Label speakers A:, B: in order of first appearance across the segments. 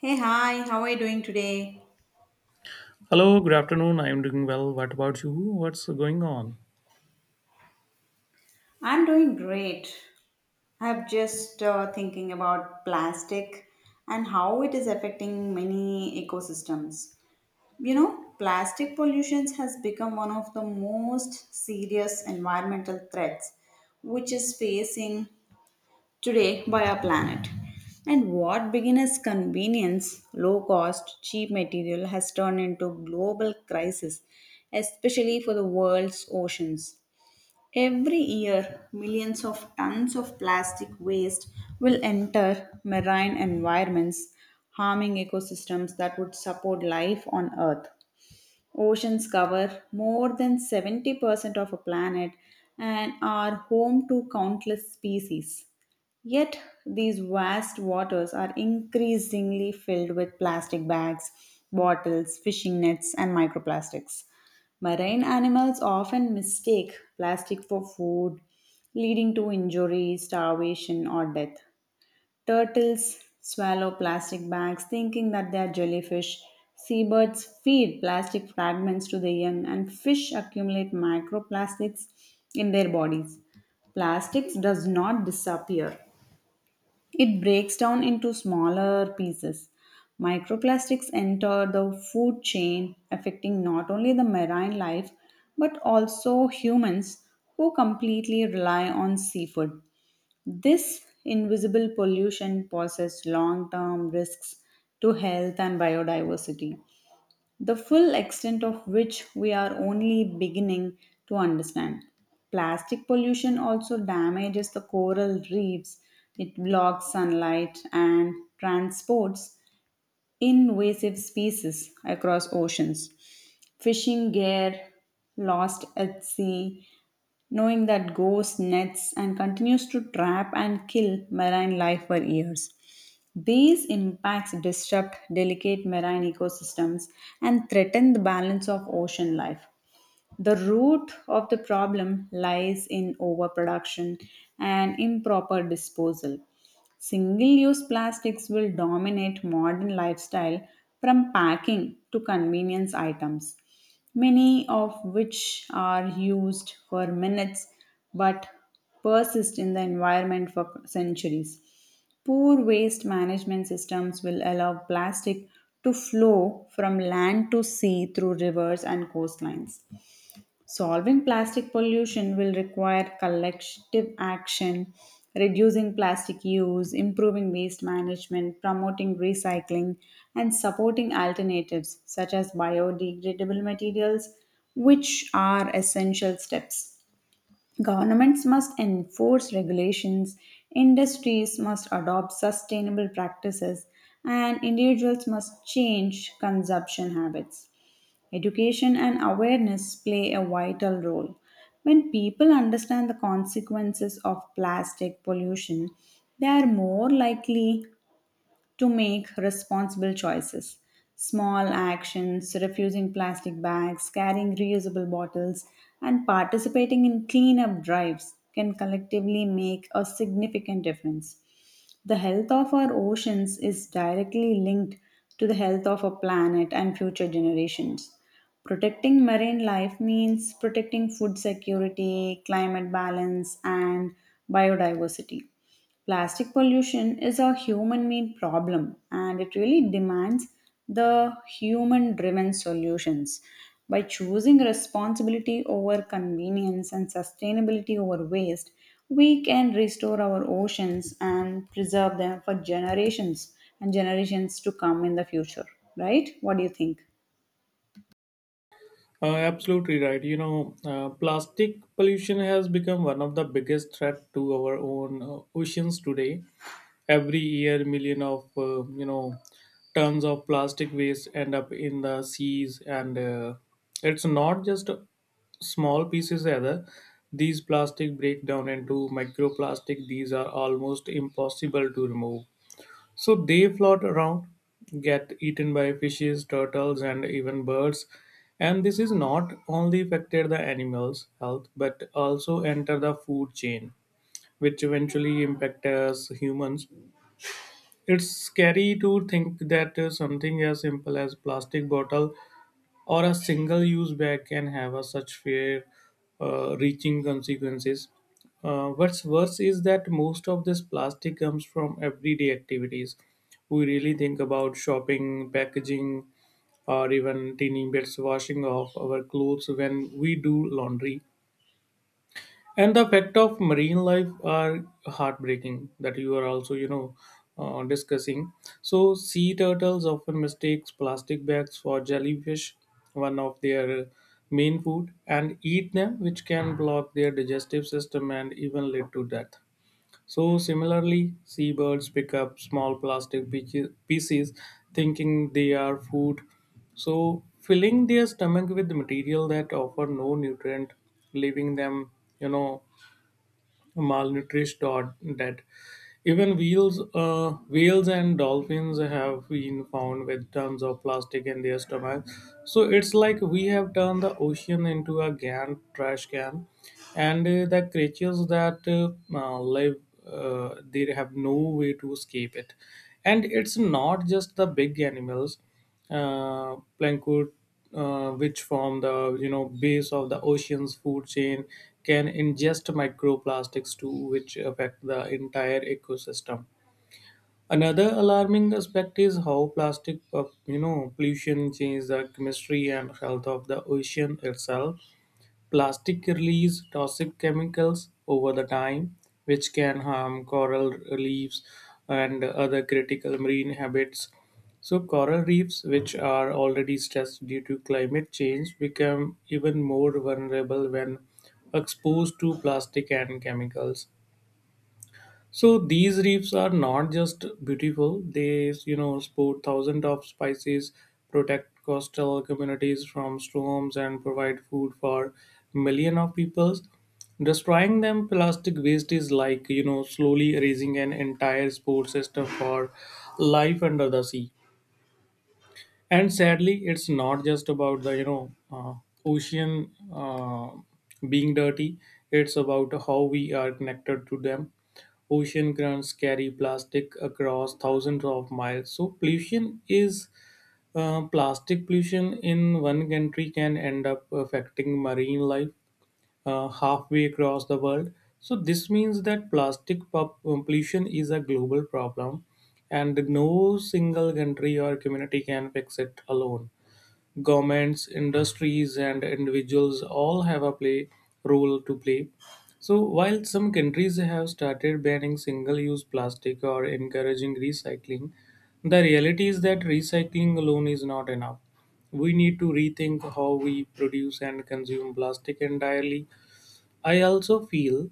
A: Hey, hi, how are you doing today?
B: Hello, good afternoon. I'm doing well. What about you? What's going on?
A: I'm doing great. I'm just thinking about plastic and how it is affecting many ecosystems. You know, plastic pollution has become one of the most serious environmental threats which is facing today by our planet. And what began as convenience, low cost, cheap material has turned into global crisis, especially for the world's oceans. Every year, millions of tons of plastic waste will enter marine environments, harming ecosystems that would support life on Earth. Oceans cover more than 70% of a planet and are home to countless species. Yet, these vast waters are increasingly filled with plastic bags, bottles, fishing nets, and microplastics. Marine animals often mistake plastic for food, leading to injury, starvation, or death. Turtles swallow plastic bags thinking that they are jellyfish. Seabirds feed plastic fragments to the young, and fish accumulate microplastics in their bodies. Plastics does not disappear it breaks down into smaller pieces. Microplastics enter the food chain, affecting not only the marine life but also humans who completely rely on seafood. This invisible pollution poses long term risks to health and biodiversity the full extent of which we are only beginning to understand. Plastic pollution also damages the coral reefs, it blocks sunlight and transports invasive species across oceans. Fishing gear lost at sea, knowing that ghosts nets and continues to trap and kill marine life for years. These impacts disrupt delicate marine ecosystems and threaten the balance of ocean life. The root of the problem lies in overproduction and improper disposal. Single use plastics will dominate modern lifestyle from packing to convenience items, many of which are used for minutes but persist in the environment for centuries. Poor waste management systems will allow plastic to flow from land to sea through rivers and coastlines. Solving plastic pollution will require collective action, reducing plastic use, improving waste management, promoting recycling, and supporting alternatives such as biodegradable materials, which are essential steps. Governments must enforce regulations, industries must adopt sustainable practices, and individuals must change consumption habits. Education and awareness play a vital role. When people understand the consequences of plastic pollution, they are more likely to make responsible choices. Small actions, refusing plastic bags, carrying reusable bottles, and participating in cleanup drives can collectively make a significant difference. The health of our oceans is directly linked to the health of our planet and future generations. Protecting marine life means protecting food security, climate balance, and biodiversity. Plastic pollution is a human made problem and it really demands the human driven solutions. By choosing responsibility over convenience and sustainability over waste, we can restore our oceans and preserve them for generations and generations to come in the future. Right? What do you think?
B: Absolutely right. Plastic pollution has become one of the biggest threat to our own oceans today. Every year, million of tons of plastic waste end up in the seas, and it's not just small pieces either. These plastic break down into microplastic. These are almost impossible to remove. So they float around, get eaten by fishes, turtles, and even birds. And this is not only affected the animals' health, but also enter the food chain, which eventually impact us humans. It's scary to think that something as simple as plastic bottle or a single use bag can have a such fair reaching consequences. What's worse is that most of this plastic comes from everyday activities. We really think about shopping, packaging, or even tiny bits washing of our clothes when we do laundry. And the fact of marine life are heartbreaking that you are also discussing. So sea turtles often mistakes plastic bags for jellyfish, one of their main food, and eat them, which can block their digestive system and even lead to death. So similarly, seabirds pick up small plastic pieces, thinking they are food, so filling their stomach with material that offer no nutrient, leaving them, you know, malnourished or dead. Even whales and dolphins have been found with tons of plastic in their stomachs. So it's like we have turned the ocean into a giant trash can, and the creatures that live, they have no way to escape it. And it's not just the big animals, plankton, which form the base of the ocean's food chain, can ingest microplastics too, which affect the entire ecosystem. Another alarming aspect is how plastic, pollution changes the chemistry and health of the ocean itself. Plastic release toxic chemicals over the time, which can harm coral reefs and other critical marine habits. So coral reefs, which are already stressed due to climate change, become even more vulnerable when exposed to plastic and chemicals. So these reefs are not just beautiful; they, sport thousands of species, protect coastal communities from storms, and provide food for millions of peoples. Destroying them, plastic waste is like slowly erasing an entire sport system for life under the sea. And sadly, it's not just about the ocean being dirty. It's about how we are connected to them. Ocean currents carry plastic across thousands of miles. So pollution is plastic pollution in one country can end up affecting marine life halfway across the world. So this means that plastic pollution is a global problem, and no single country or community can fix it alone. Governments, industries, and individuals all have a play role to play. So while some countries have started banning single-use plastic or encouraging recycling, the reality is that recycling alone is not enough. We need to rethink how we produce and consume plastic entirely. I also feel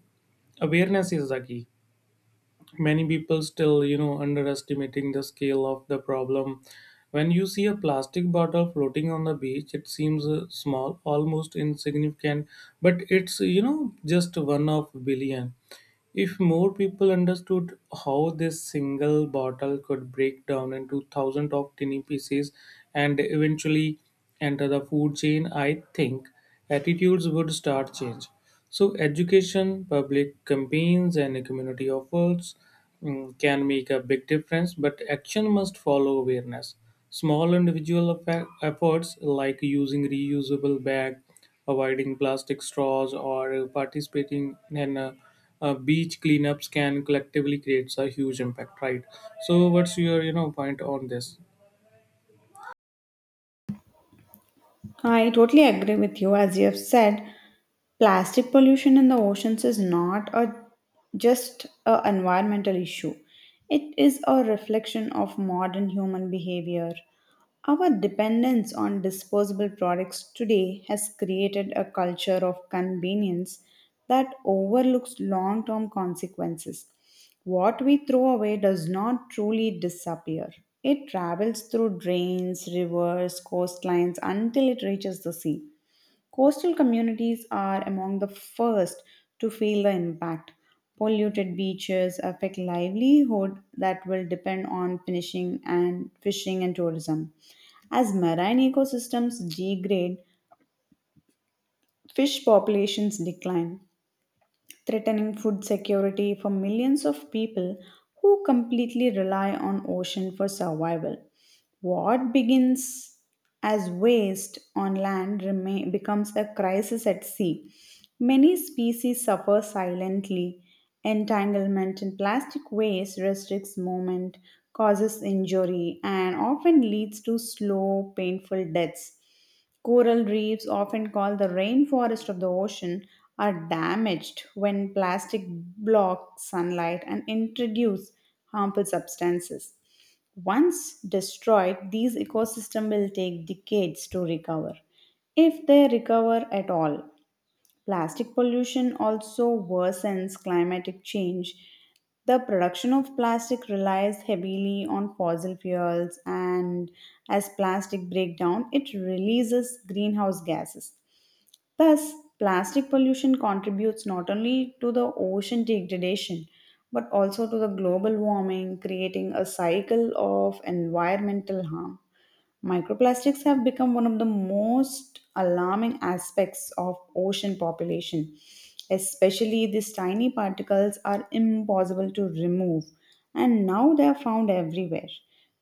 B: awareness is the key. Many people still, underestimating the scale of the problem. When you see a plastic bottle floating on the beach, it seems small, almost insignificant, but it's, just one of billion. If more people understood how this single bottle could break down into thousands of tiny pieces and eventually enter the food chain, I think attitudes would start change. So education, public campaigns, and community efforts can make a big difference, but action must follow awareness. Small individual efforts like using reusable bag, avoiding plastic straws, or participating in a beach cleanups can collectively create a huge impact, right? So what's your point on this?
A: I totally agree with you. As you have said, plastic pollution in the oceans is not a just a environmental issue. It is a reflection of modern human behavior. Our dependence on disposable products today has created a culture of convenience that overlooks long term consequences. What we throw away does not truly disappear. It travels through drains, rivers, coastlines until it reaches the sea. Coastal communities are among the first to feel the impact. Polluted beaches affect livelihood that will depend on finishing and fishing and tourism. As marine ecosystems degrade, fish populations decline threatening food security for millions of people who completely rely on ocean for survival. What begins as waste on land remain, becomes a crisis at sea. Many species suffer silently. Entanglement in plastic waste restricts movement, causes injury, and often leads to slow, painful deaths. Coral reefs, often called the rainforest of the ocean, are damaged when plastic blocks sunlight and introduce harmful substances. Once destroyed, these ecosystems will take decades to recover, if they recover at all. Plastic pollution also worsens climatic change. The production of plastic relies heavily on fossil fuels, and as plastic breaks down, it releases greenhouse gases. Thus, plastic pollution contributes not only to the ocean degradation but also to the global warming, creating a cycle of environmental harm. Microplastics have become one of the most alarming aspects of ocean population, especially these tiny particles are impossible to remove, and now they are found everywhere,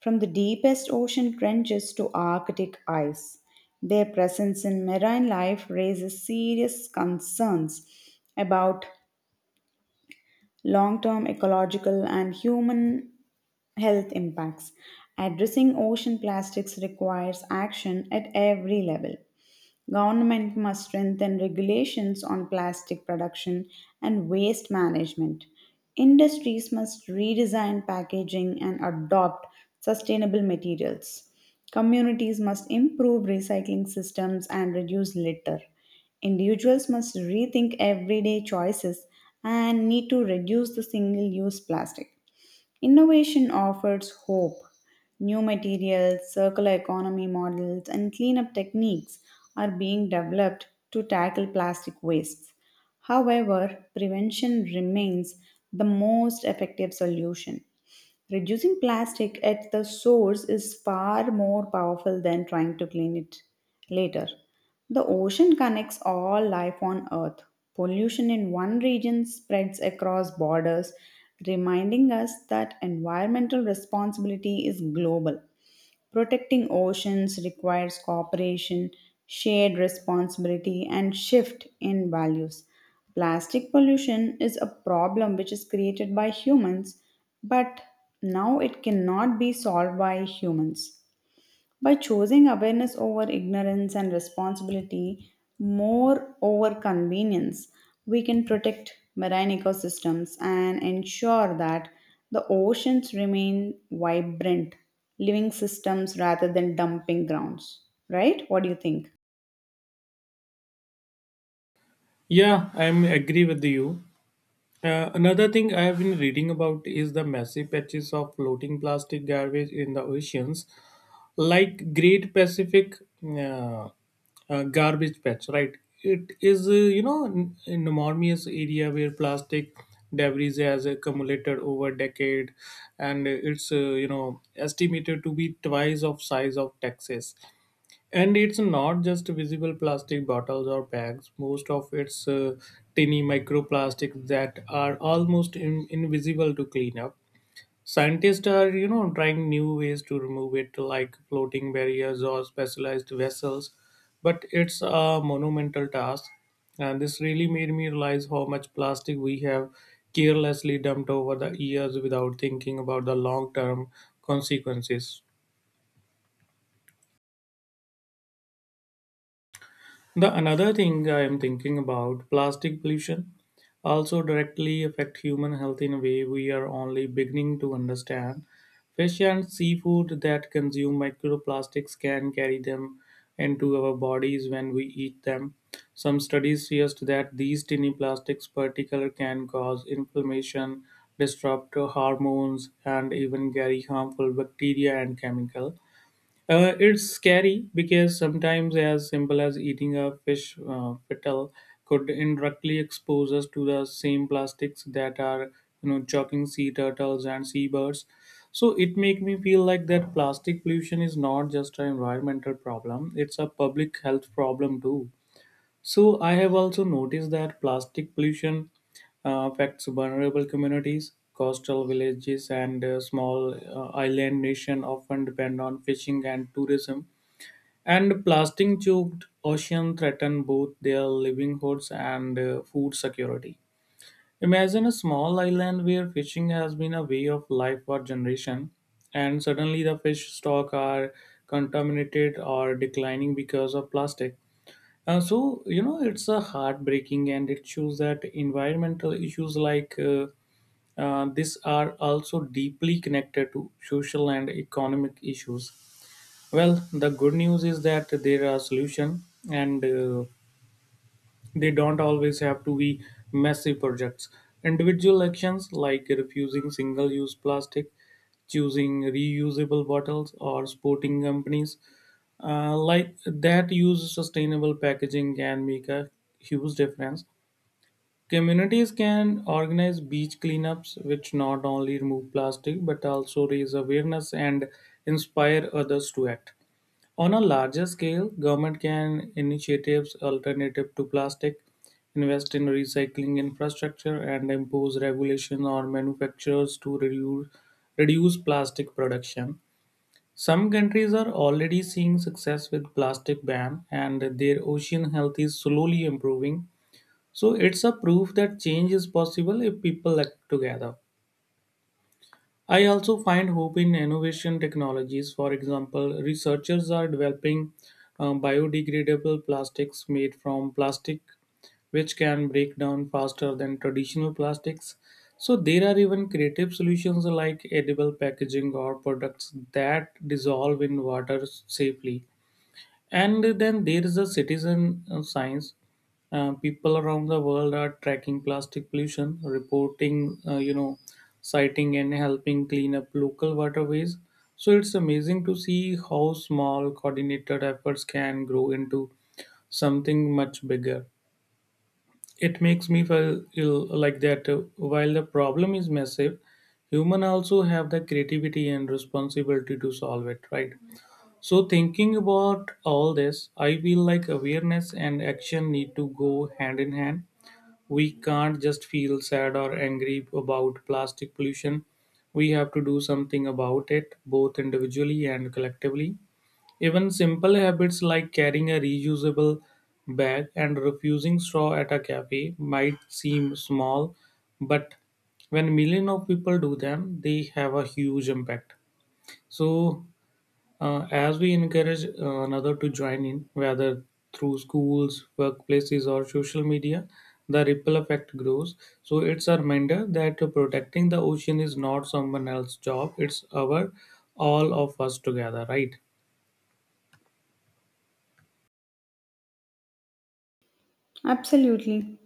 A: from the deepest ocean trenches to Arctic ice. Their presence in marine life raises serious concerns about long term ecological and human health impacts. Addressing ocean plastics requires action at every level. Government must strengthen regulations on plastic production and waste management. Industries must redesign packaging and adopt sustainable materials. Communities must improve recycling systems and reduce litter. Individuals must rethink everyday choices and need to reduce the single use plastic. Innovation offers hope. New materials, circular economy models, and cleanup techniques are being developed to tackle plastic wastes. However, prevention remains the most effective solution. Reducing plastic at the source is far more powerful than trying to clean it later. The ocean connects all life on Earth. Pollution in one region spreads across borders, reminding us that environmental responsibility is global. Protecting oceans requires cooperation, shared responsibility, and shift in values. Plastic pollution is a problem which is created by humans, but now it cannot be solved by humans. By choosing awareness over ignorance and responsibility more over convenience, we can protect marine ecosystems and ensure that the oceans remain vibrant, living systems rather than dumping grounds. Right? What do you think?
B: Yeah, I am agree with you. Another thing I have been reading about is the massive patches of floating plastic garbage in the oceans, like Great Pacific uh, Garbage Patch, right? It is, an enormous area where plastic debris has accumulated over decade, and it's, estimated to be twice of size of Texas. And it's not just visible plastic bottles or bags. Most of it's tiny microplastics that are almost invisible to clean up. Scientists are, trying new ways to remove it, like floating barriers or specialized vessels, but it's a monumental task. And this really made me realize how much plastic we have carelessly dumped over the years without thinking about the long term consequences. The another thing I am thinking about plastic pollution also directly affect human health in a way we are only beginning to understand. Fish and seafood that consume microplastics can carry them into our bodies when we eat them. Some studies suggest that these tiny plastics particular, can cause inflammation, disrupt hormones, and even carry harmful bacteria and chemical. It's scary because sometimes as simple as eating a fish petal could indirectly expose us to the same plastics that are, choking sea turtles and seabirds. So it make me feel like that plastic pollution is not just an environmental problem; it's a public health problem too. So I have also noticed that plastic pollution affects vulnerable communities. Coastal villages and small island nation often depend on fishing and tourism. And plastic-choked ocean threaten both their livelihoods and food security. Imagine a small island where fishing has been a way of life for generation, and suddenly the fish stock are contaminated or declining because of plastic. So it's a heartbreaking and it shows that environmental issues like this are also deeply connected to social and economic issues. Well, the good news is that there are solutions, and they don't always have to be massive projects. Individual actions like refusing single use plastic, choosing reusable bottles, or supporting companies like that use sustainable packaging can make a huge difference. Communities can organize beach cleanups, which not only remove plastic but also raise awareness and inspire others to act. On a larger scale, government can initiatives alternative to plastic, invest in recycling infrastructure, and impose regulation on manufacturers to reduce plastic production. Some countries are already seeing success with plastic ban, and their ocean health is slowly improving. So it's a proof that change is possible if people act together. I also find hope in innovation technologies. For example, researchers are developing biodegradable plastics made from plastic, which can break down faster than traditional plastics. So there are even creative solutions like edible packaging or products that dissolve in water safely. And then there is a citizen science. People around the world are tracking plastic pollution, reporting, citing and helping clean up local waterways. So it's amazing to see how small coordinated efforts can grow into something much bigger. It makes me feel ill like that while the problem is massive, human also have the creativity and responsibility to solve it, right? So, thinking about all this, I feel like awareness and action need to go hand in hand. We can't just feel sad or angry about plastic pollution. We have to do something about it, both individually and collectively. Even simple habits like carrying a reusable bag and refusing straw at a cafe might seem small, but when millions of people do them, they have a huge impact. So, as we encourage another to join in, whether through schools, workplaces, or social media, the ripple effect grows. So it's a reminder that protecting the ocean is not someone else's job, it's our all of us together, right?
A: Absolutely.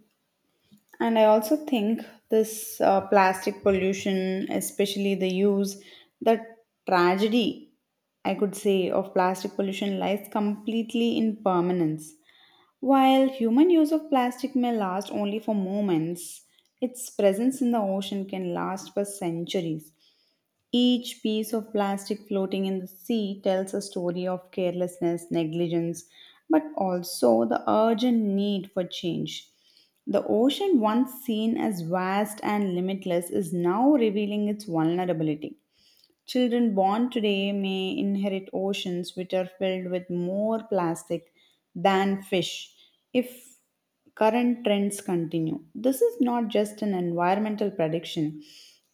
A: And I also think this plastic pollution, especially the use, the tragedy, I could say, of plastic pollution lies completely in permanence. While human use of plastic may last only for moments, its presence in the ocean can last for centuries. Each piece of plastic floating in the sea tells a story of carelessness, negligence, but also the urgent need for change. The ocean, once seen as vast and limitless, is now revealing its vulnerability. Children born today may inherit oceans which are filled with more plastic than fish if current trends continue. This is not just an environmental prediction,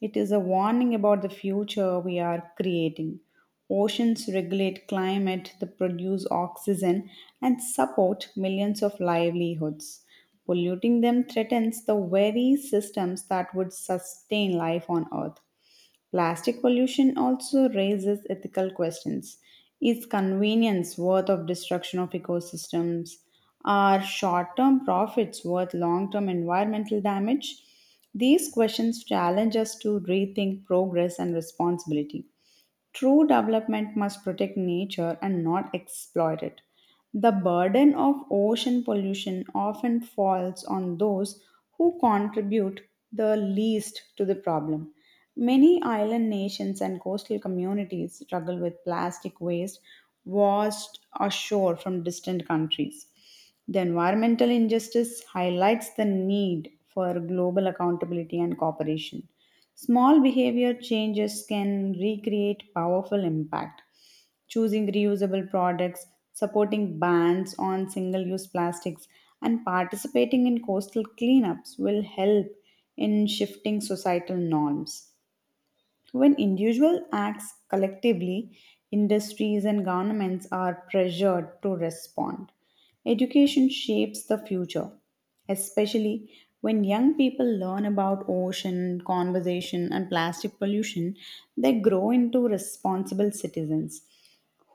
A: it is a warning about the future we are creating. Oceans regulate climate, they produce oxygen, and support millions of livelihoods. Polluting them threatens the very systems that would sustain life on Earth. Plastic pollution also raises ethical questions. Is convenience worth of destruction of ecosystems? Are short-term profits worth long-term environmental damage? These questions challenge us to rethink progress and responsibility. True development must protect nature and not exploit it. The burden of ocean pollution often falls on those who contribute the least to the problem. Many island nations and coastal communities struggle with plastic waste washed ashore from distant countries. The environmental injustice highlights the need for global accountability and cooperation. Small behavior changes can recreate powerful impact. Choosing reusable products, supporting bans on single use plastics, and participating in coastal cleanups will help in shifting societal norms. When individual acts collectively, industries and governments are pressured to respond. Education shapes the future, especially when young people learn about ocean conservation and plastic pollution, they grow into responsible citizens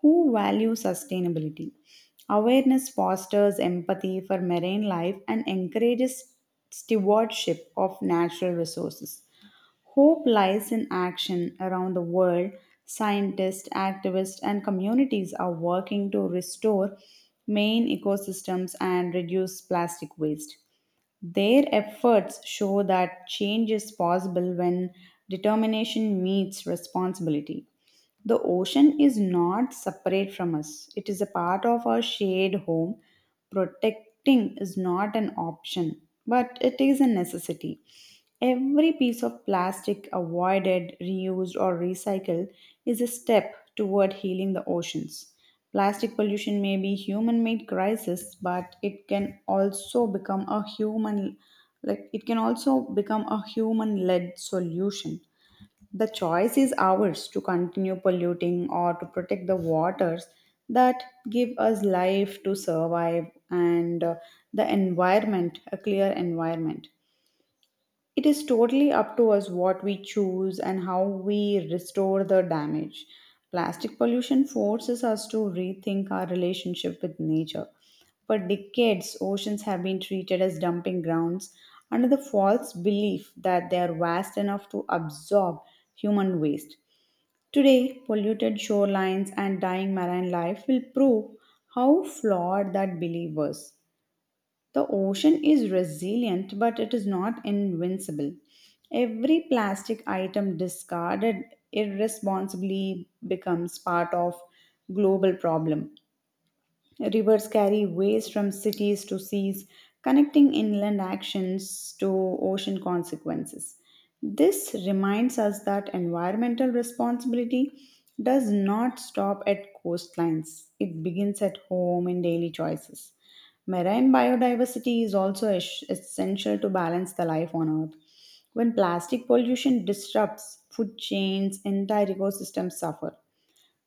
A: who value sustainability. Awareness fosters empathy for marine life and encourages stewardship of natural resources. Hope lies in action around the world. Scientists, activists, and communities are working to restore main ecosystems and reduce plastic waste. Their efforts show that change is possible when determination meets responsibility. The ocean is not separate from us, it is a part of our shared home. Protecting is not an option, but it is a necessity. Every piece of plastic avoided, reused, or recycled is a step toward healing the oceans. Plastic pollution may be human made crisis, but it can also become a human like it can also become a human led solution. The choice is ours to continue polluting or to protect the waters that give us life to survive and the environment, a clear environment. It is totally up to us what we choose and how we restore the damage. Plastic pollution forces us to rethink our relationship with nature. For decades, oceans have been treated as dumping grounds under the false belief that they are vast enough to absorb human waste. Today, polluted shorelines and dying marine life will prove how flawed that belief was. The ocean is resilient, but it is not invincible. Every plastic item discarded irresponsibly becomes part of global problem. Rivers carry waste from cities to seas, connecting inland actions to ocean consequences. This reminds us that environmental responsibility does not stop at coastlines, it begins at home in daily choices. Marine biodiversity is also essential to balance the life on Earth. When plastic pollution disrupts food chains, entire ecosystems suffer.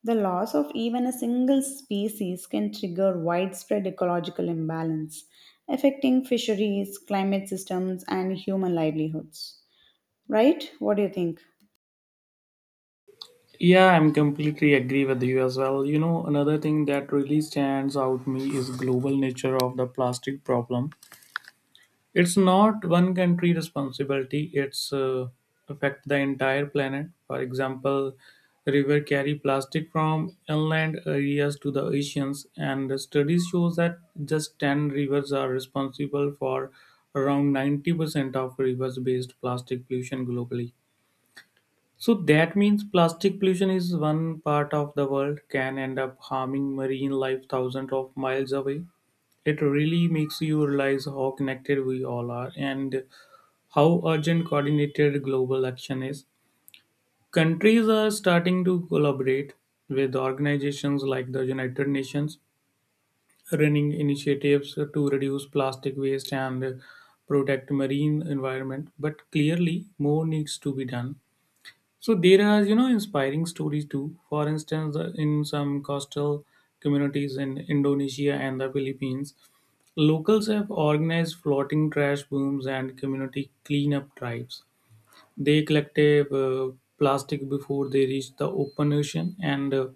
A: The loss of even a single species can trigger widespread ecological imbalance, affecting fisheries, climate systems, and human livelihoods. Right? What do you think?
B: Yeah, I'm completely agree with you as well. Another thing that really stands out me is global nature of the plastic problem. It's not one country responsibility. It's affect the entire planet. For example, river carry plastic from inland areas to the oceans, and the studies shows that just ten rivers are responsible for around 90% of rivers-based plastic pollution globally. So that means plastic pollution is one part of the world can end up harming marine life thousands of miles away. It really makes you realize how connected we all are and how urgent coordinated global action is. Countries are starting to collaborate with organizations like the United Nations, running initiatives to reduce plastic waste and protect marine environment. But clearly, more needs to be done. So there are, inspiring stories too. For instance, in some coastal communities in Indonesia and the Philippines, locals have organized floating trash booms and community cleanup drives. They collected plastic before they reached the open ocean, and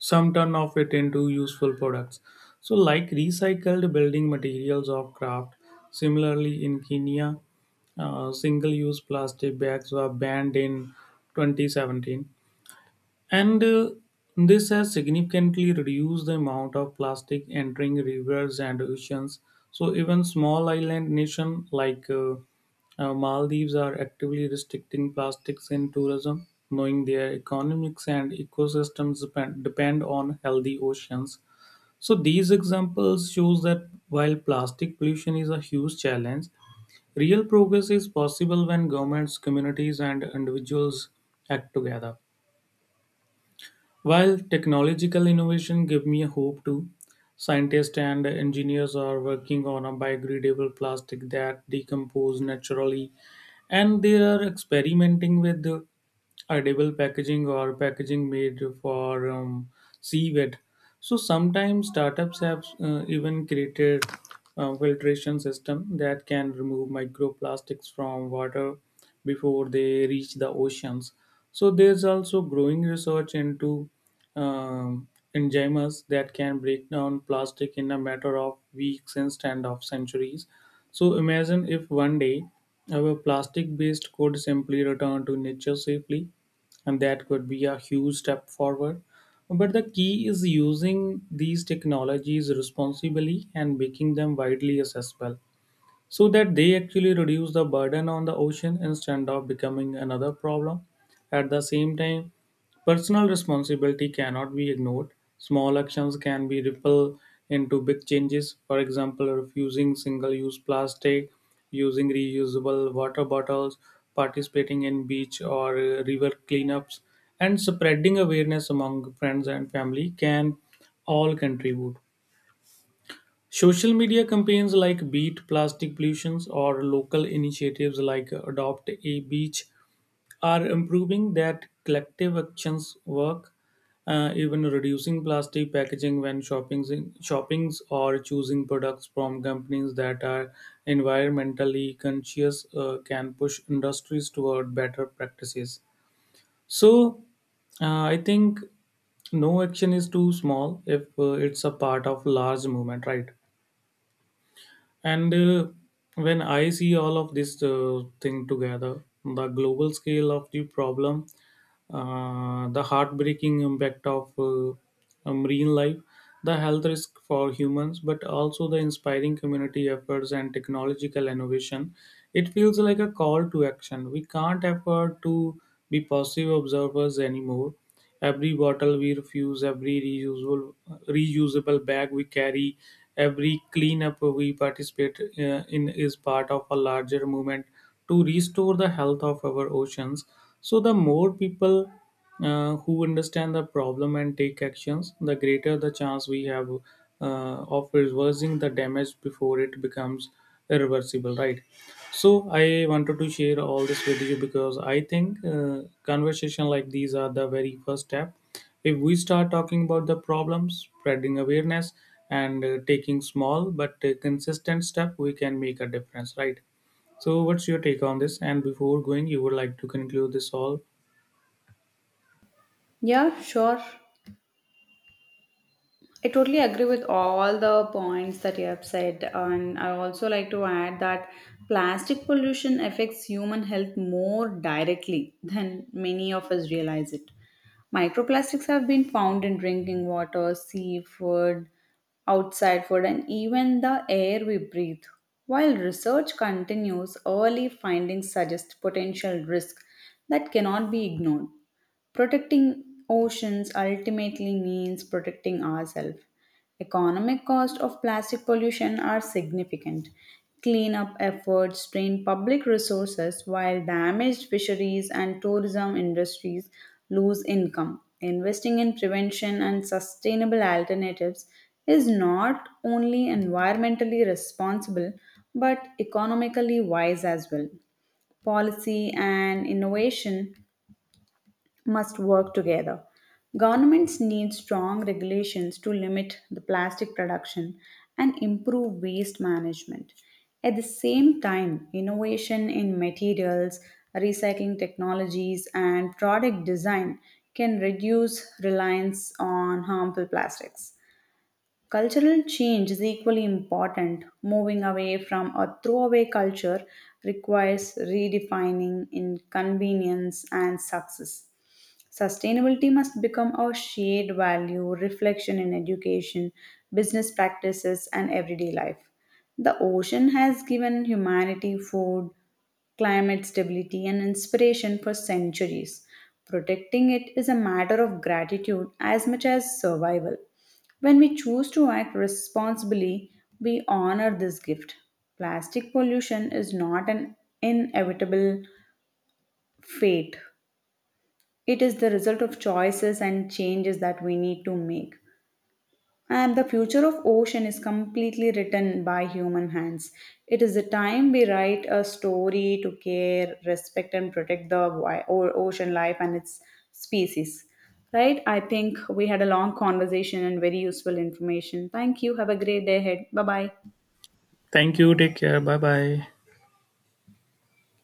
B: some turn of it into useful products. So, like recycled building materials of craft. Similarly, in Kenya, single-use plastic bags were banned in 2017. And this has significantly reduced the amount of plastic entering rivers and oceans. So even small island nation like Maldives are actively restricting plastics in tourism, knowing their economics and ecosystems depend on healthy oceans. So these examples shows that while plastic pollution is a huge challenge, real progress is possible when governments, communities, and individuals act together. While technological innovation give me a hope too, scientists and engineers are working on a biodegradable plastic that decompose naturally, and they are experimenting with edible packaging or packaging made for seaweed. So sometimes startups have even created a filtration system that can remove microplastics from water before they reach the oceans. So there's also growing research into um, enzymes that can break down plastic in a matter of weeks instead of centuries. So imagine if one day our plastic waste could simply return to nature safely, and that could be a huge step forward. But the key is using these technologies responsibly and making them widely accessible so that they actually reduce the burden on the ocean instead of becoming another problem. At the same time, personal responsibility cannot be ignored. Small actions can be ripple into big changes. For example, refusing single use plastic, using reusable water bottles, participating in beach or river cleanups, and spreading awareness among friends and family can all contribute. Social media campaigns like Beat Plastic Pollution or local initiatives like Adopt a Beach are improving that collective actions work, even reducing plastic packaging when shoppings or choosing products from companies that are environmentally conscious can push industries toward better practices. So, I think no action is too small if it's a part of large movement, right? And when I see all of this thing together, the global scale of the problem, the heartbreaking impact of a marine life, the health risk for humans, but also the inspiring community efforts and technological innovation, it feels like a call to action. We can't afford to be passive observers anymore. Every bottle we refuse, every reusable bag we carry, every cleanup we participate in is part of a larger movement to restore the health of our oceans. So the more people who understand the problem and take actions, the greater the chance we have of reversing the damage before it becomes irreversible. Right. So I wanted to share all this with you because I think conversation like these are the very first step. If we start talking about the problems, spreading awareness, and taking small but consistent step, we can make a difference, right? So what's your take on this? And before going, you would like to conclude this all.
A: Yeah, sure. I totally agree with all the points that you have said, and I also like to add that plastic pollution affects human health more directly than many of us realize it. Microplastics have been found in drinking water, seafood, outside food, and even the air we breathe. While research continues, early findings suggest potential risk that cannot be ignored. Protecting oceans ultimately means protecting ourselves. Economic costs of plastic pollution are significant. Cleanup efforts drain public resources while damaged fisheries and tourism industries lose income. Investing in prevention and sustainable alternatives is not only environmentally responsible but economically wise as well policy and innovation must work together. Governments need strong regulations to limit the plastic production and improve waste management. At the same time, innovation in materials, recycling technologies, and product design can reduce reliance on harmful plastics. Cultural change is equally important. Moving away from a throwaway culture requires redefining in convenience and success. Sustainability must become our shared value, reflection in education, business practices, and everyday life. The ocean has given humanity food, climate stability, and inspiration for centuries. Protecting it is a matter of gratitude as much as survival. When we choose to act responsibly, we honor this gift. Plastic pollution is not an inevitable fate. It is the result of choices and changes that we need to make. And the future of ocean is completely written by human hands. It is the time we write a story to care, respect, and protect the ocean life and its species. Right? I think we had a long conversation and very useful information. Thank you. Have a great day ahead. Bye bye.
B: Thank you. Take care. Bye bye.